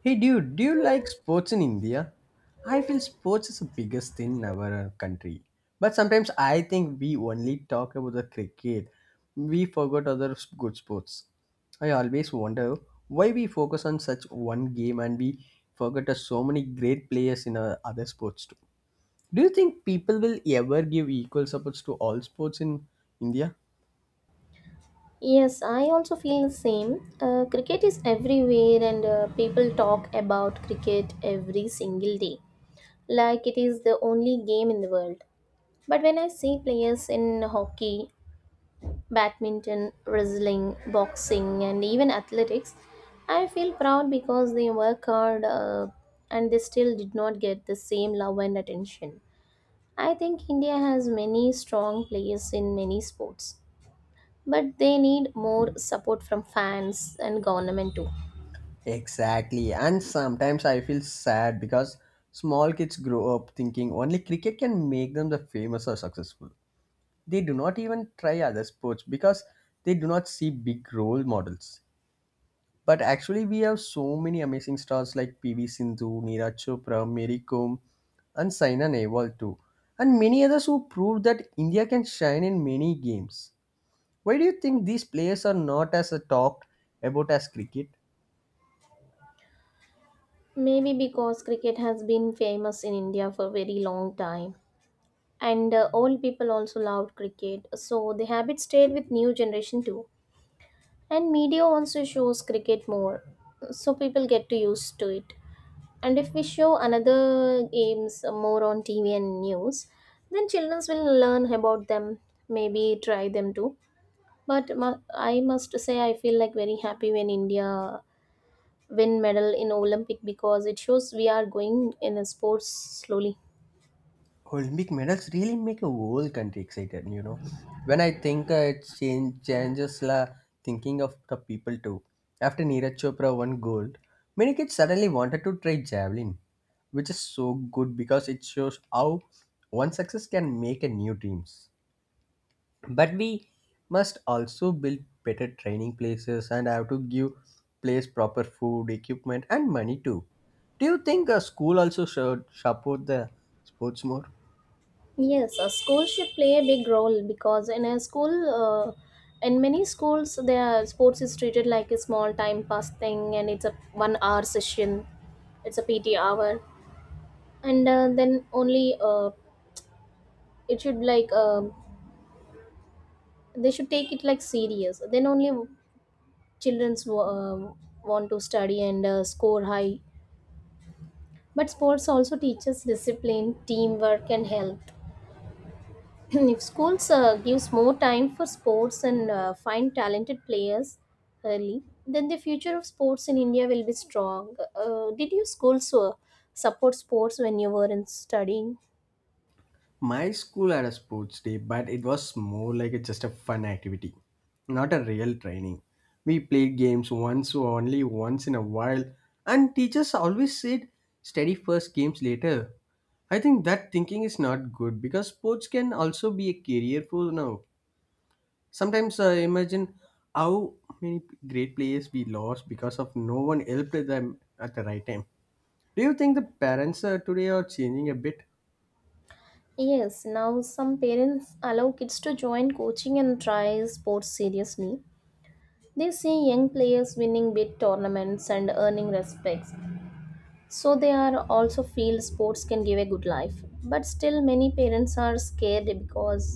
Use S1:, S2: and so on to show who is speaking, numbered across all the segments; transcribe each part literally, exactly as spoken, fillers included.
S1: Hey dude, do you like sports in India? I feel sports is the biggest thing in our uh, country. But sometimes I think we only talk about the cricket. We forgot other s- good sports. I always wonder why we focus on such one game and we forget uh, so many great players in uh, other sports too. Do you think people will ever give equal support to all sports in India?
S2: Yes, I also feel the same. Uh, cricket is everywhere, and uh, people talk about cricket every single day, like it is the only game in the world. But when I see players in hockey, badminton, wrestling, boxing, and even athletics, I feel proud because they work hard uh, and they still did not get the same love and attention. I think India has many strong players in many sports but they need more support from fans and government too.
S1: Exactly. And sometimes I feel sad because small kids grow up thinking only cricket can make them the famous or successful. They do not even try other sports because they do not see big role models. But actually, we have so many amazing stars like P V Sindhu, Neeraj Chopra, Mary Kom, and Saina Nehwal too, and many others who proved that India can shine in many games. Why do you think these players are not as uh, talked about as cricket?
S2: Maybe because cricket has been famous in India for a very long time, and uh, old people also loved cricket, so the habit stayed with new generation too. And media also shows cricket more, so people get to used to it. And if we show another games more on TV and news, then children will learn about them, maybe try them too. But mu- I must say I feel like very happy when India win medal in olympic, because it shows we are going in a sports slowly.
S1: Olympic medals really make a whole country excited, you know. When I think uh, it change, changes la thinking of the people too. After Neeraj Chopra won gold, many kids suddenly wanted to try javelin, which is so good because it shows how one success can make a new dreams. But we must also build better training places and have to give place proper food, equipment, and money too. Do you think a school also should support the sports more?
S2: Yes, a school should play a big role, because in a school uh, in many schools their sports is treated like a small time pass thing, and it's a one hour session, it's a PT hour. And uh, then only, uh, it should like um they should take it like serious. Then only children's wa- um want to study and uh, score high. But sports also teaches discipline, teamwork and health. If schools uh, gives more time for sports and uh, find talented players early, then the future of sports in India will be strong. Uh, did your schools uh, support sports when you were in studying?
S1: My school had a sports day, but it was more like a, just a fun activity, not a real training. We played games once or only once in a while, and teachers always said, study first, games later. I think that thinking is not good because sports can also be a career for now. Sometimes I imagine how many great players we lost because of no one helped them at the right time. Do you think the parents uh, today are changing a bit?
S2: Yes, now some parents allow kids to join coaching and try sports seriously. They see young players winning big tournaments and earning respects, so they are also feel sports can give a good life. But still many parents are scared because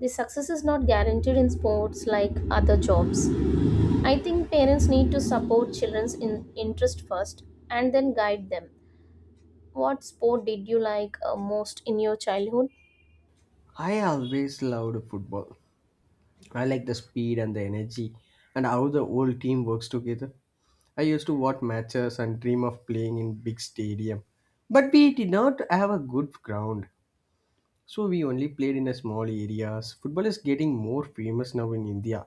S2: the success is not guaranteed in sports like other jobs. I think parents need to support children's in interest first and then guide them. What sport did you like uh, most in your childhood?
S1: I always loved football. I like the speed and the energy and how the whole team works together. I used to watch matches and dream of playing in big stadium. But we did not have a good ground. So we only played in a small areas. Football is getting more famous now in India.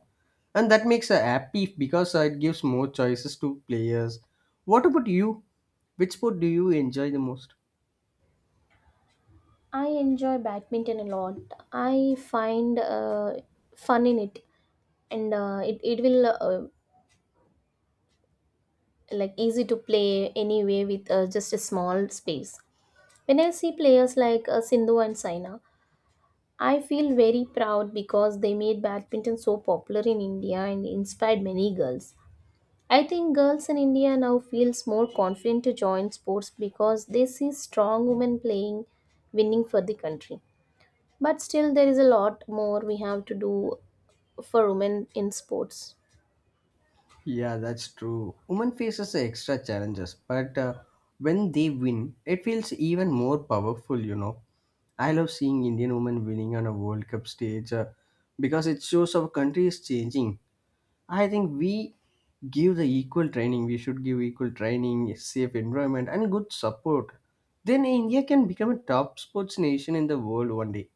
S1: And that makes us happy because uh, it gives more choices to players. What about you? Which sport do you enjoy the most?
S2: I enjoy badminton a lot. I find uh, fun in it, and uh, it, it will uh, like easy to play anyway with uh, just a small space. When I see players like uh, Sindhu and Saina, I feel very proud because they made badminton so popular in India and inspired many girls. I think girls in India now feels more confident to join sports because they see strong women playing, winning for the country. But still there is a lot more we have to do for women in sports.
S1: Yeah, that's true. Women faces extra challenges, but uh, when they win, it feels even more powerful. You know, I love seeing Indian women winning on a World Cup stage uh, because it shows our country is changing. I think we give the equal training. We should give equal training, safe environment, and good support. Then India can become a top sports nation in the world one day.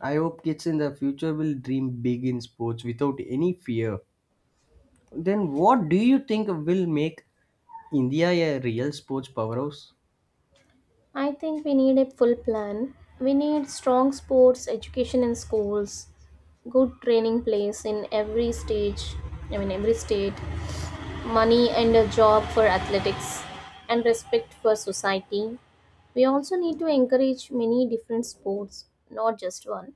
S1: I hope kids in the future will dream big in sports without any fear. Then what do you think will make India a real sports powerhouse?
S2: I think we need a full plan. We need strong sports education in schools, good training place in every stage, I mean every state, money and a job for athletics, and respect for society. We also need to encourage many different sports, not just one.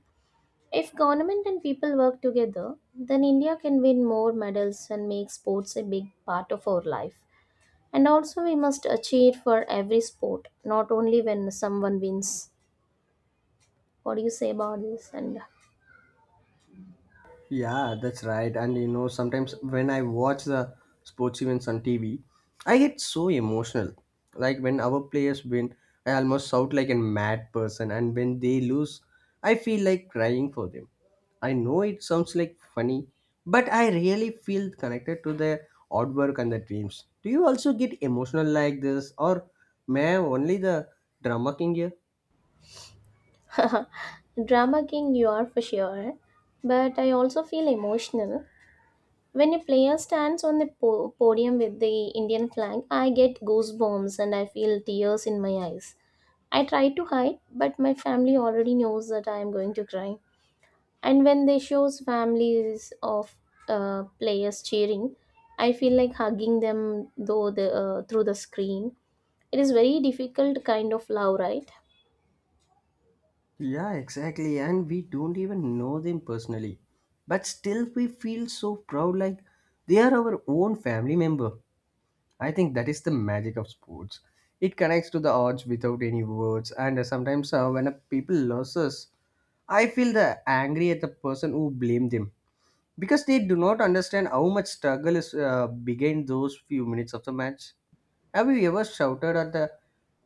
S2: If government and people work together, then India can win more medals and make sports a big part of our life. And also, we must uh, cheer for every sport, not only when someone wins. What do you say about this? And
S1: Yeah, that's right. And you know, sometimes when I watch the sports events on T V, I get so emotional. Like when our players win, I almost shout like a mad person, and when they lose, I feel like crying for them. I know it sounds like funny, but I really feel connected to their hard work and their dreams. Do you also get emotional like this, or may I only the drama king here?
S2: drama king, you are for sure. But I also feel emotional. When a player stands on the po- podium with the Indian flag, I get goosebumps and I feel tears in my eyes. I try to hide, but my family already knows that I am going to cry. And when they shows families of uh, players cheering, I feel like hugging them though the, uh, through the screen. It is very difficult kind of love, right?
S1: Yeah, exactly. And we don't even know them personally. But still, we feel so proud like they are our own family member. I think that is the magic of sports. It connects to the odds without any words. And uh, sometimes, uh, when a people loses, I feel the angry at the person who blamed them because they do not understand how much struggle is uh, behind those few minutes of the match. Have you ever shouted at the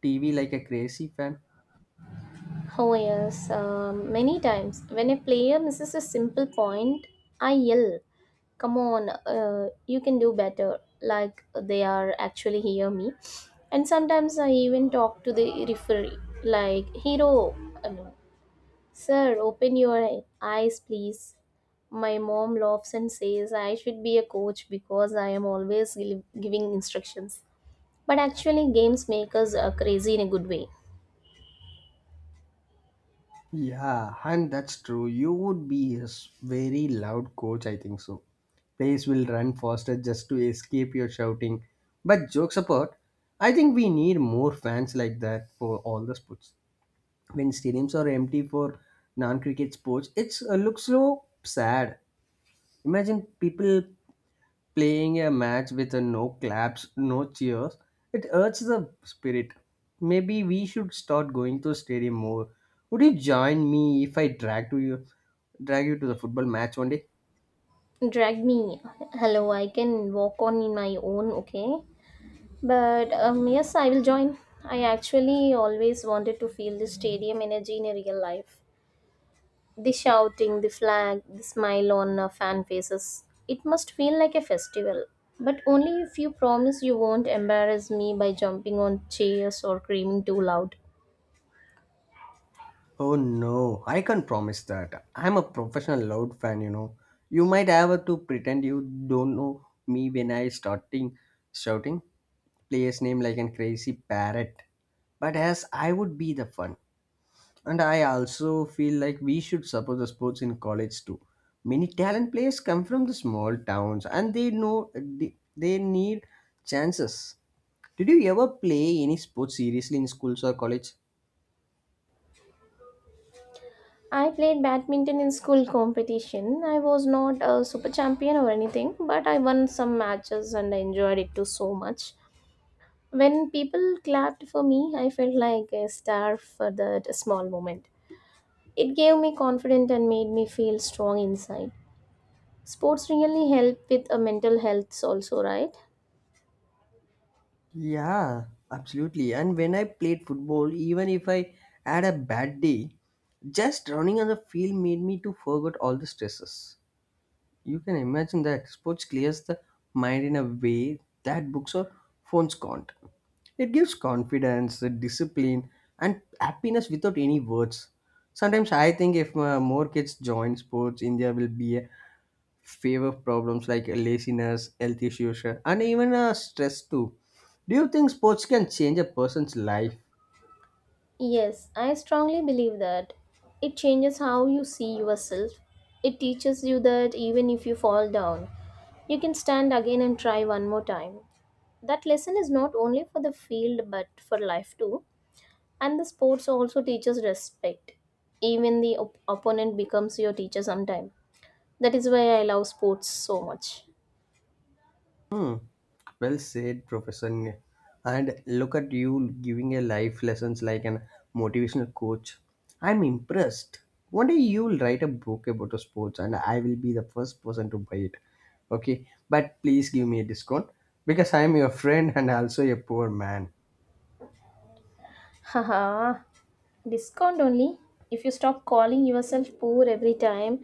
S1: T V like a crazy fan?
S2: Oh, yes, um, many times. When a player misses a simple point, I yell, come on, uh, you can do better, like they are actually hear me. And sometimes I even talk to the referee, like, hero, uh, no, sir, open your eyes, please. My mom laughs and says I should be a coach because I am always gi- giving instructions. But actually, games make us uh, crazy in a good way.
S1: Yeah, and that's true. You would be a s- very loud coach, I think so. Players will run faster just to escape your shouting. But jokes apart, I think we need more fans like that for all the sports. When stadiums are empty for non-cricket sports, it's uh, looks so sad. Imagine people playing a match with a no claps, no cheers, it hurts the spirit. Maybe we should start going to a stadium more. Would you join me if I drag to you drag you to the football match one day?
S2: Drag me? Hello, I can walk on in my own, okay? But um yes, I will join. I actually always wanted to feel the stadium energy in a real life. The shouting, the flag, the smile on uh, fan faces, it must feel like a festival. But only if you promise you won't embarrass me by jumping on chairs or screaming too loud.
S1: Oh no, I can't promise that. I'm a professional loud fan, you know. You might have to pretend you don't know me when I starting shouting player's name like a crazy parrot. But as I would be the fun. And I also feel like we should support the sports in college too. Many talent players come from the small towns and they know they, they need chances. Did you ever play any sports seriously in schools or college?
S2: I played badminton in school competition. I was not a super champion or anything, but I won some matches and I enjoyed it too so much. When people clapped for me, I felt like a star for that small moment. It gave me confidence and made me feel strong inside. Sports really help with a mental health also, right?
S1: Yeah, absolutely. And when I played football, even if I had a bad day, just running on the field made me to forget all the stresses. You can imagine that sports clears the mind in a way that books or phones can't. It gives confidence, discipline, and happiness without any words. Sometimes I think if uh, more kids join sports, India will be a favor of problems like laziness, health issues, uh, and even uh, stress too. Do you think sports can change a person's life?
S2: Yes, I strongly believe that. It changes how you see yourself. It teaches you that even if you fall down, you can stand again and try one more time. That lesson is not only for the field but for life too. And the sports also teaches respect. Even the op- opponent becomes your teacher sometime. That is why I love sports so much.
S1: Hmm. Well said, Professor. And look at you giving a life lessons like an motivational coach. I'm impressed. One day you'll write a book about the sports, and I will be the first person to buy it. Okay, but please give me a discount because I'm your friend and also a poor man.
S2: Haha, discount only if you stop calling yourself poor every time.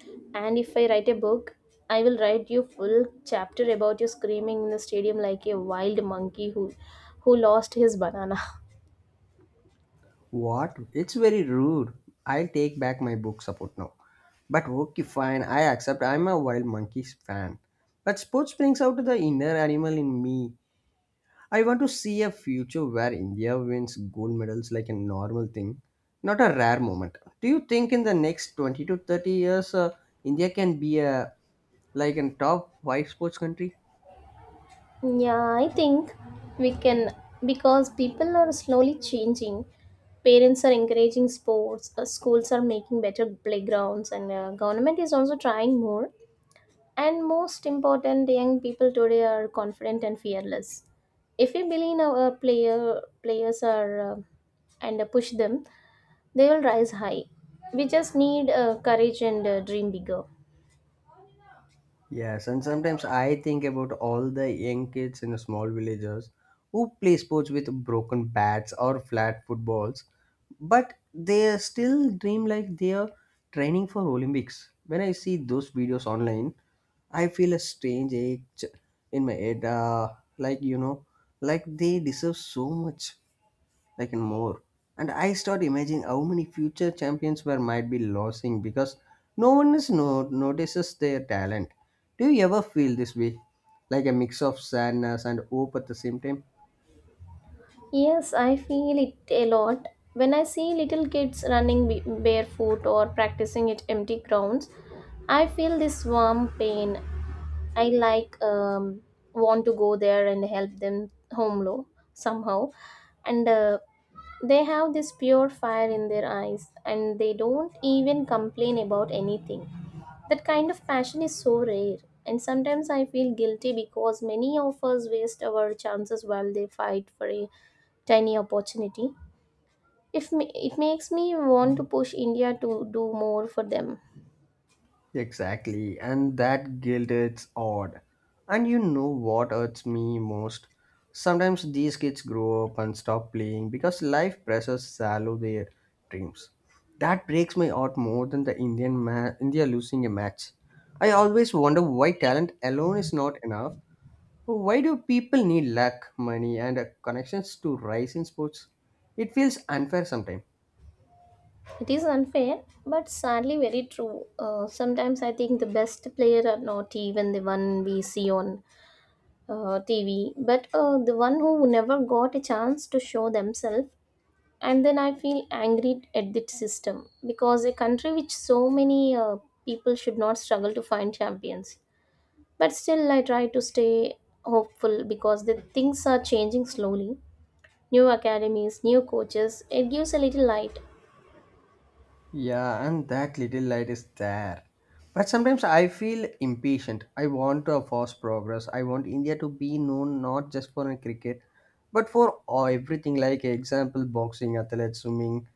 S2: And if I write a book, I will write you full chapter about you screaming in the stadium like a wild monkey who who lost his banana.
S1: What? It's very rude. I'll take back my book support now. But okay, fine. I accept. I'm a wild monkeys fan. But sports brings out the inner animal in me. I want to see a future where India wins gold medals like a normal thing, not a rare moment. Do you think in the next twenty to thirty years, uh, India can be a like a top five sports country?
S2: Yeah, I think we can, because people are slowly changing. Parents are encouraging sports, uh, schools are making better playgrounds, and uh, government is also trying more. And most important, young people today are confident and fearless. If we believe our player, players are uh, and uh, push them, they will rise high. We just need uh, courage and uh, dream bigger.
S1: Yes, and sometimes I think about all the young kids in the small villages who play sports with broken bats or flat footballs, but they still dream like they are training for Olympics. When I see those videos online, I feel a strange ache in my head, uh, like you know, like they deserve so much like and more. And I start imagining how many future champions were might be losing because no one is no- notices their talent. Do you ever feel this way, like a mix of sadness and hope at the same time?
S2: Yes, I feel it a lot. When I see little kids running b- barefoot or practicing at empty grounds, I feel this warm pain. I like um, want to go there and help them home low somehow, and uh, they have this pure fire in their eyes, and they don't even complain about anything. That kind of passion is so rare, and sometimes I feel guilty because many of us waste our chances while they fight for a tiny opportunity. If me, it makes me want to push India to do more for them.
S1: Exactly, and that guilt it's odd. And you know what hurts me most? Sometimes these kids grow up and stop playing because life pressures shallow their dreams. That breaks my heart more than the Indian ma- India losing a match. I always wonder why talent alone is not enough. Why do people need luck, money, and uh, connections to rise in sports? It feels unfair sometimes.
S2: It is unfair, but sadly very true. Uh, sometimes I think the best player are not even the one we see on uh, T V, but uh, the one who never got a chance to show themselves. And then I feel angry at the system, because a country which so many uh, people should not struggle to find champions. But still, I try to stay hopeful because the things are changing slowly. New academies, new coaches, it gives a little light.
S1: Yeah, and that little light is there. But sometimes I feel impatient. I want to force progress. I want India to be known not just for cricket, but for everything like example boxing, athletes, swimming.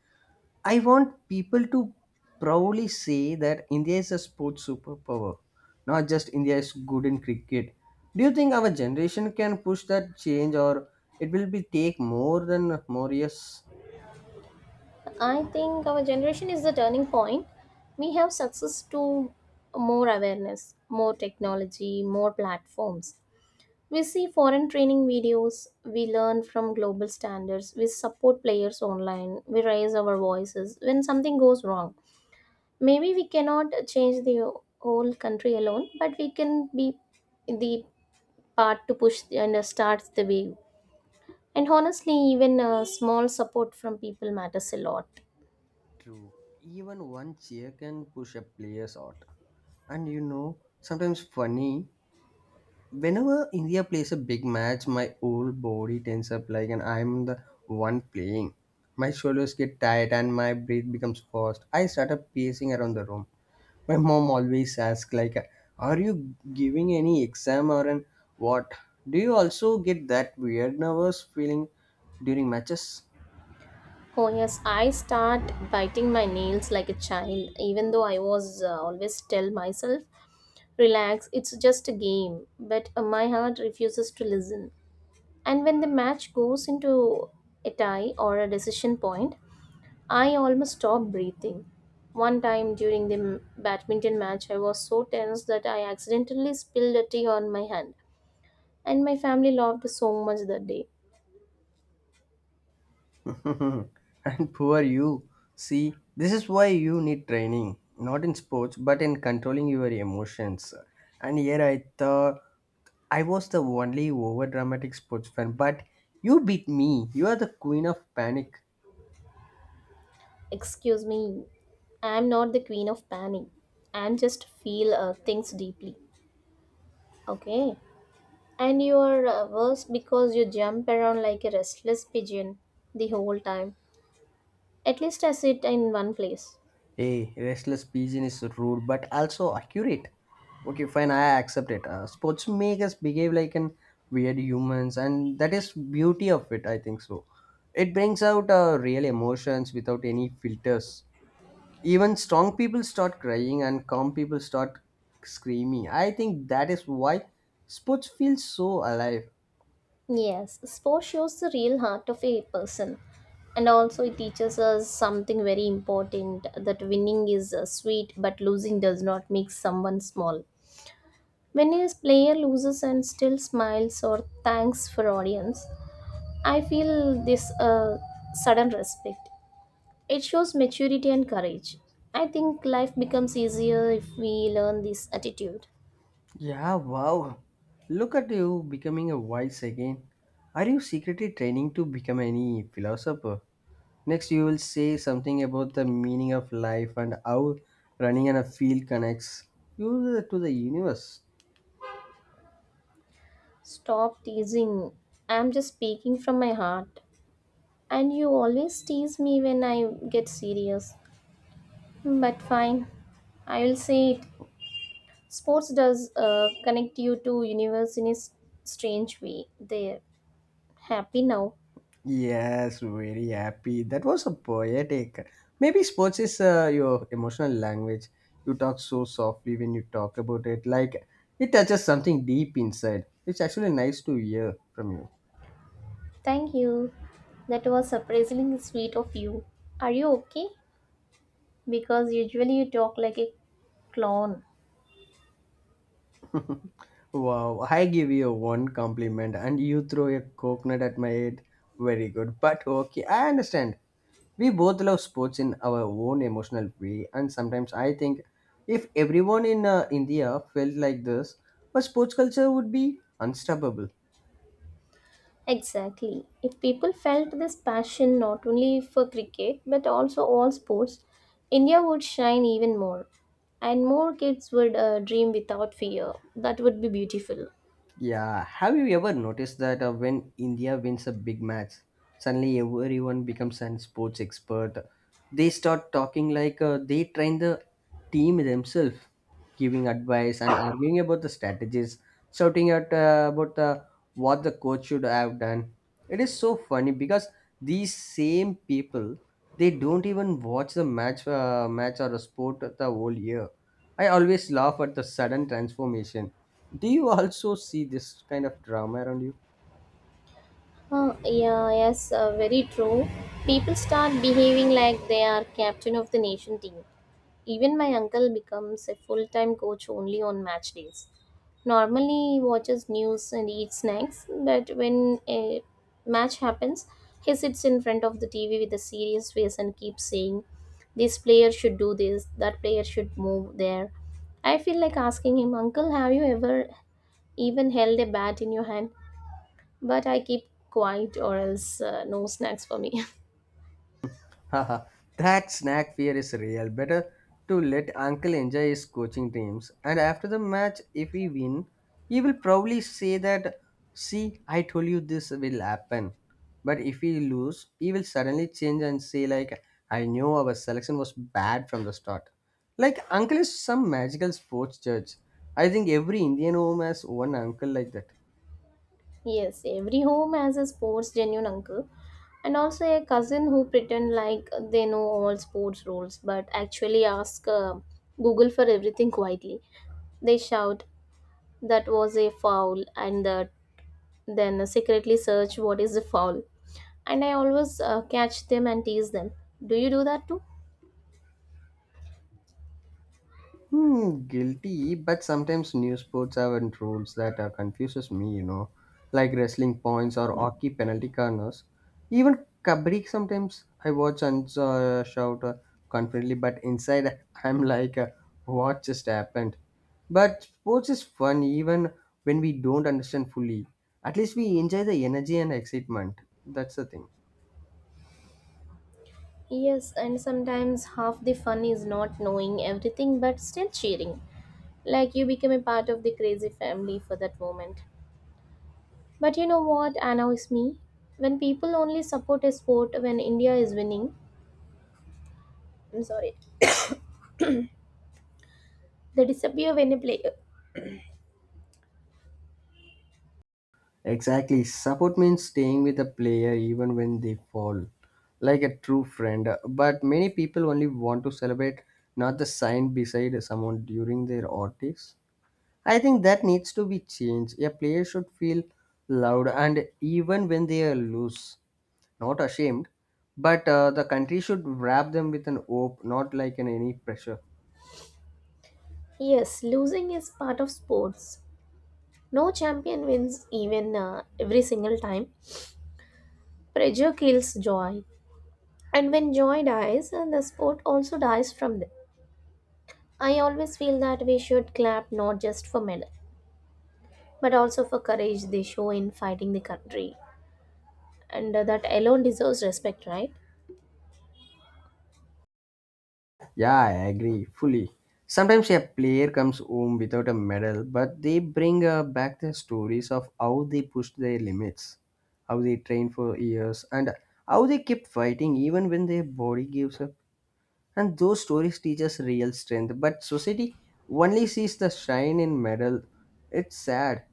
S1: I want people to proudly say that India is a sports superpower, not just India is good in cricket. Do you think our generation can push that change, or it will be take more than more years?
S2: I think our generation is the turning point. We have success to more awareness, more technology, more platforms. We see foreign training videos, we learn from global standards, we support players online, we raise our voices when something goes wrong. Maybe we cannot change the whole country alone, but we can be the part to push and uh, start the wave. And honestly, even uh, small support from people matters a lot.
S1: True. Even one cheer can push a player's out. And you know, sometimes funny, whenever India plays a big match, my whole body tenses up like and I'm the one playing. My shoulders get tight and my breath becomes fast. I start up pacing around the room. My mom always asks like, are you giving any exam or an what? Do you also get that weird nervous feeling during matches?
S2: Oh, yes, I start biting my nails like a child, even though I was uh, always tell myself, relax, it's just a game. But uh, my heart refuses to listen. And when the match goes into a tie or a decision point, I almost stop breathing. One time during the m- badminton match, I was so tense that I accidentally spilled a tea on my hand, and my family laughed so much that day.
S1: and poor you. See, this is why you need training, not in sports, but in controlling your emotions. And here I thought I was the only over dramatic sports fan, but you beat me. You are the queen of panic.
S2: Excuse me, I'm not the queen of panic. I'm just feel uh, things deeply. Okay? And you are uh, worse because you jump around like a restless pigeon the whole time. At least I sit in one place.
S1: Hey, restless pigeon is rude but also accurate. Okay, fine, I accept it. Uh, sports make us behave like an weird humans, and that is beauty of it. I think so. It brings out uh, real emotions without any filters. Even strong people start crying and calm people start screaming. I think that is why sports feels so alive.
S2: Yes, sport shows the real heart of a person. And also, it teaches us something very important, that winning is uh, sweet, but losing does not make someone small. When a player loses and still smiles or thanks for audience, I feel this uh, sudden respect. It shows maturity and courage. I think life becomes easier if we learn this attitude.
S1: Yeah, wow. Look at you becoming a wise again. Are you secretly training to become any philosopher? Next you will say something about the meaning of life and how running on a field connects you to the universe.
S2: Stop teasing. I'm just speaking from my heart. And you always tease me when I get serious. But fine, I will say it. Sports does uh, connect you to universe in a s- strange way. They're happy now.
S1: Yes, very happy. That was a poetic. Maybe sports is uh, your emotional language. You talk so softly when you talk about it, like it touches something deep inside. It's actually nice to hear from you.
S2: Thank you. That was surprisingly sweet of you. Are you okay? Because usually you talk like a clown.
S1: Wow, I give you one compliment and you throw a coconut at my head. Very good. But okay, I understand. We both love sports in our own emotional way, and sometimes I think if everyone in uh, India felt like this, our sports culture would be unstoppable.
S2: Exactly. If people felt this passion not only for cricket but also all sports, India would shine even more. And more kids would uh, dream without fear. That would be beautiful.
S1: Yeah, have you ever noticed that uh, when India wins a big match, suddenly everyone becomes an sports expert? They start talking like uh, they train the team themselves, giving advice and arguing about the strategies, shouting out uh, about uh, what the coach should have done. It is so funny because these same people they don't even watch the match, uh, match or a sport the whole year. I always laugh at the sudden transformation. Do you also see this kind of drama around you?
S2: Uh, yeah, yes, uh, very true. People start behaving like they are captain of the nation team. Even my uncle becomes a full time coach only on match days. Normally, he watches news and eats snacks, but when a match happens, he sits in front of the T V with a serious face and keeps saying, this player should do this, that player should move there. I feel like asking him, Uncle, have you ever even held a bat in your hand? But I keep quiet, or else, uh, no snacks for me.
S1: Haha, that snack fear is real. Better to let Uncle enjoy his coaching dreams. And after the match, if we win, he will probably say that, see, I told you this will happen. But if we lose, he will suddenly change and say, like, I knew our selection was bad from the start. Like, Uncle is some magical sports judge. I think every Indian home has one uncle like that.
S2: Yes, every home has a sports genuine uncle and also a cousin who pretend like they know all sports rules but actually ask uh, Google for everything quietly. They shout that was a foul, and uh, then secretly search what is the foul. And I always uh, catch them and tease them. Do you do that too?
S1: Hmm, guilty, but sometimes new sports have and rules that uh, confuses me, you know, like wrestling points or hockey penalty corners. Even kabaddi sometimes I watch and uh, shout uh, confidently, but inside I'm like, uh, what just happened? But sports is fun even when we don't understand fully. At least we enjoy the energy and excitement. That's the thing.
S2: Yes, and sometimes half the fun is not knowing everything but still cheering. Like you become a part of the crazy family for that moment. But you know what annoys me? When people only support a sport when India is winning, I'm sorry, they disappear when a player.
S1: Exactly. Support means staying with a player even when they fall, like a true friend. But many people only want to celebrate not the sign beside someone during their ordeals. I think that needs to be changed. A player should feel loud and even when they are loose, not ashamed. But uh, the country should wrap them with an hope, not like an any pressure.
S2: Yes, losing is part of sports. No champion wins even uh, every single time. Pressure kills joy. And when joy dies, uh, the sport also dies from them. I always feel that we should clap not just for medal, but also for courage they show in fighting the country. And uh, that alone deserves respect, right?
S1: Yeah, I agree fully. Sometimes a player comes home without a medal, but they bring uh, back the stories of how they pushed their limits, how they trained for years, and how they kept fighting even when their body gives up. And those stories teach us real strength, but society only sees the shine in medal. It's sad.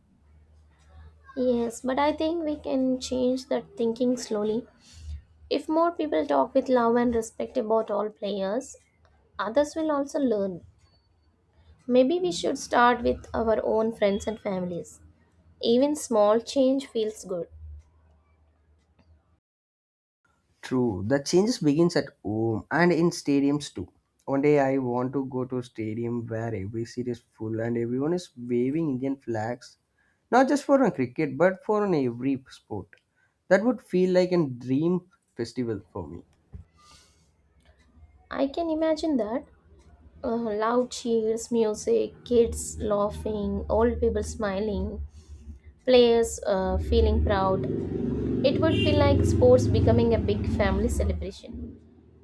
S2: Yes, but I think we can change that thinking slowly. If more people talk with love and respect about all players, others will also learn. Maybe we should start with our own friends and families. Even small change feels good.
S1: True, the changes begins at home and in stadiums too. One day I want to go to a stadium where every seat is full and everyone is waving Indian flags, not just for a cricket but for an every sport. That would feel like a dream festival for me.
S2: I can imagine that. Uh, loud cheers, music, kids laughing, old people smiling. Players uh, feeling proud. It would feel like sports becoming a big family celebration.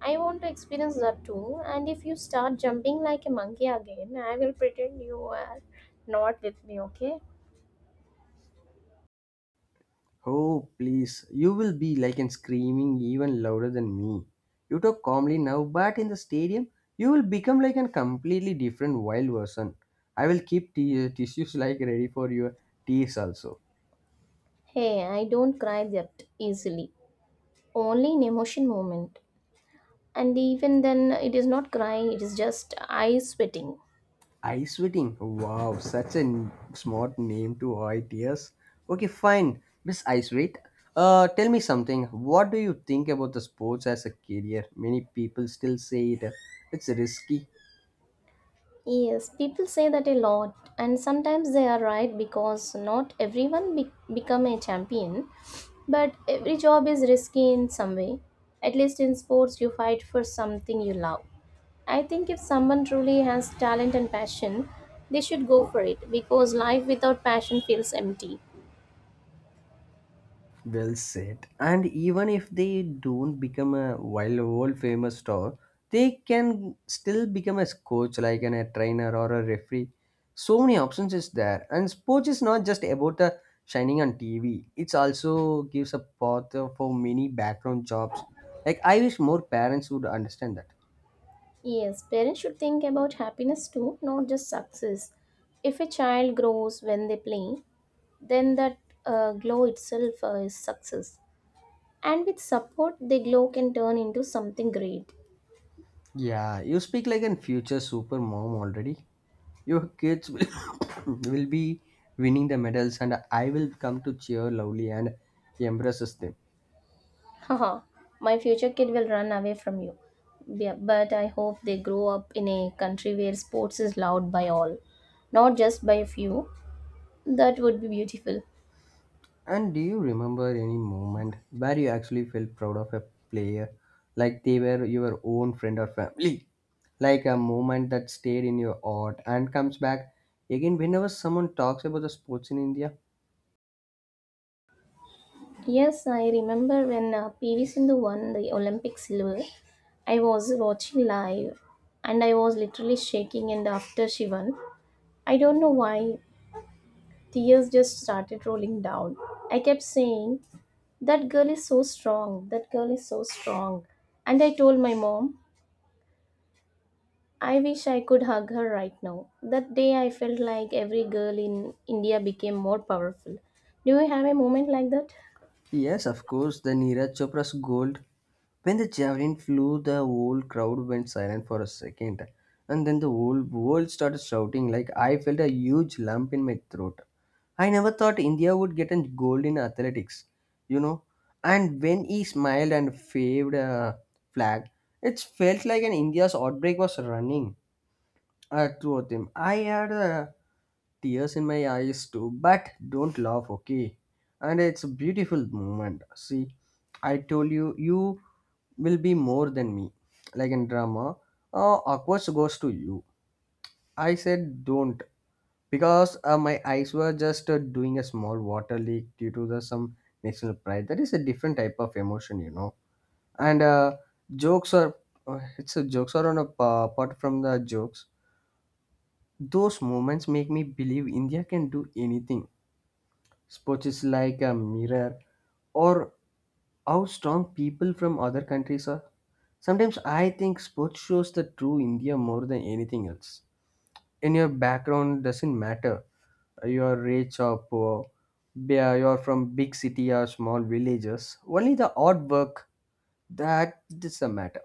S2: I want to experience that too. And if you start jumping like a monkey again, I will pretend you are not with me, okay?
S1: Oh please, you will be like and screaming even louder than me. You talk calmly now, but in the stadium, you will become like a completely different wild person. I will keep t- tissues like ready for your tears also.
S2: Hey, I don't cry that easily. Only in emotion moment. And even then, it is not crying, it is just eyes sweating.
S1: Ice Wedding. Wow, such a n- smart name to it, yes. Okay, fine. Miss Ice Wait. Uh, tell me something. What do you think about the sports as a career? Many people still say it. It's risky.
S2: Yes, people say that a lot, and sometimes they are right because not everyone be- become a champion, but every job is risky in some way. At least in sports, you fight for something you love. I think if someone truly has talent and passion, they should go for it because life without passion feels empty.
S1: Well said. And even if they don't become a wild world famous star, they can still become a coach, like an, a trainer or a referee. So many options is there, and sports is not just about the shining on T V. It also gives a path for many background jobs. Like I wish more parents would understand that.
S2: Yes, parents should think about happiness too, not just success. If a child grows when they play, then that uh, glow itself uh, is success. And with support, the glow can turn into something great.
S1: Yeah, you speak like an future super mom already. Your kids will, will be winning the medals, and I will come to cheer loudly and embrace them.
S2: Haha, my future kid will run away from you. Yeah, but I hope they grow up in a country where sports is loved by all, not just by a few. That would be beautiful.
S1: And do you remember any moment where you actually felt proud of a player, like they were your own friend or family? Like a moment that stayed in your heart and comes back again whenever someone talks about the sports in India?
S2: Yes, I remember when uh, P V Sindhu won the Olympic silver. I was watching live and I was literally shaking, and after she won, I don't know why, tears just started rolling down. I kept saying, that girl is so strong, that girl is so strong, and I told my mom, I wish I could hug her right now. That day I felt like every girl in India became more powerful. Do you have a moment like that?
S1: Yes, of course, the Neeraj Chopra's gold. When the javelin flew, the whole crowd went silent for a second, and then the whole world started shouting. Like I felt a huge lump in my throat. I never thought India would get a gold in athletics, you know. And when he smiled and waved a flag, it felt like an India's outbreak was running. Uh, two of them. I had uh, tears in my eyes too, but don't laugh, okay? And it's a beautiful moment. See, I told you, you will be more than me. Like in drama, uh, awkward goes to you. I said, don't, because uh, my eyes were just uh, doing a small water leak due to the some national pride. That is a different type of emotion, you know. And uh, jokes are, uh, it's a jokes are on a uh, apart from the jokes. Those moments make me believe India can do anything. Sports is like a mirror, or how strong people from other countries are. Sometimes I think sports shows the true India more than anything else. In your background doesn't matter, you are rich or poor, be- you're from big city or small villages, only the artwork, that is the matter.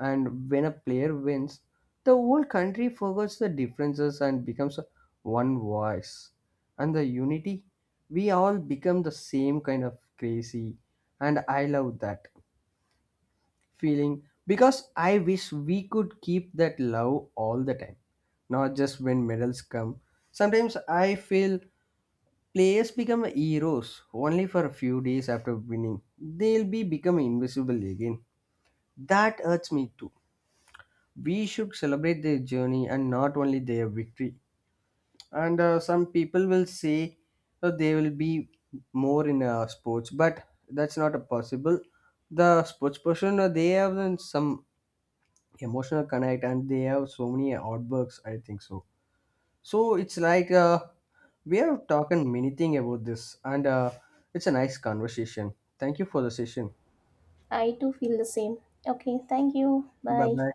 S1: And when a player wins, the whole country forgets the differences and becomes one voice and the unity, we all become the same kind of crazy, and I love that feeling. Because I wish we could keep that love all the time, not just when medals come. Sometimes I feel players become heroes only for a few days after winning. They'll be becoming invisible again. That hurts me too. We should celebrate their journey and not only their victory. And uh, some people will say uh, they will be more in uh, sports, but that's not a possible. The sports person uh, they have uh, some emotional connect and they have so many artworks, I think so. So it's like, uh, we have talked many thing about this, and uh, it's a nice conversation. Thank you for the session.
S2: I too feel the same. Okay, thank you,
S1: Bye
S2: bye.
S1: bye.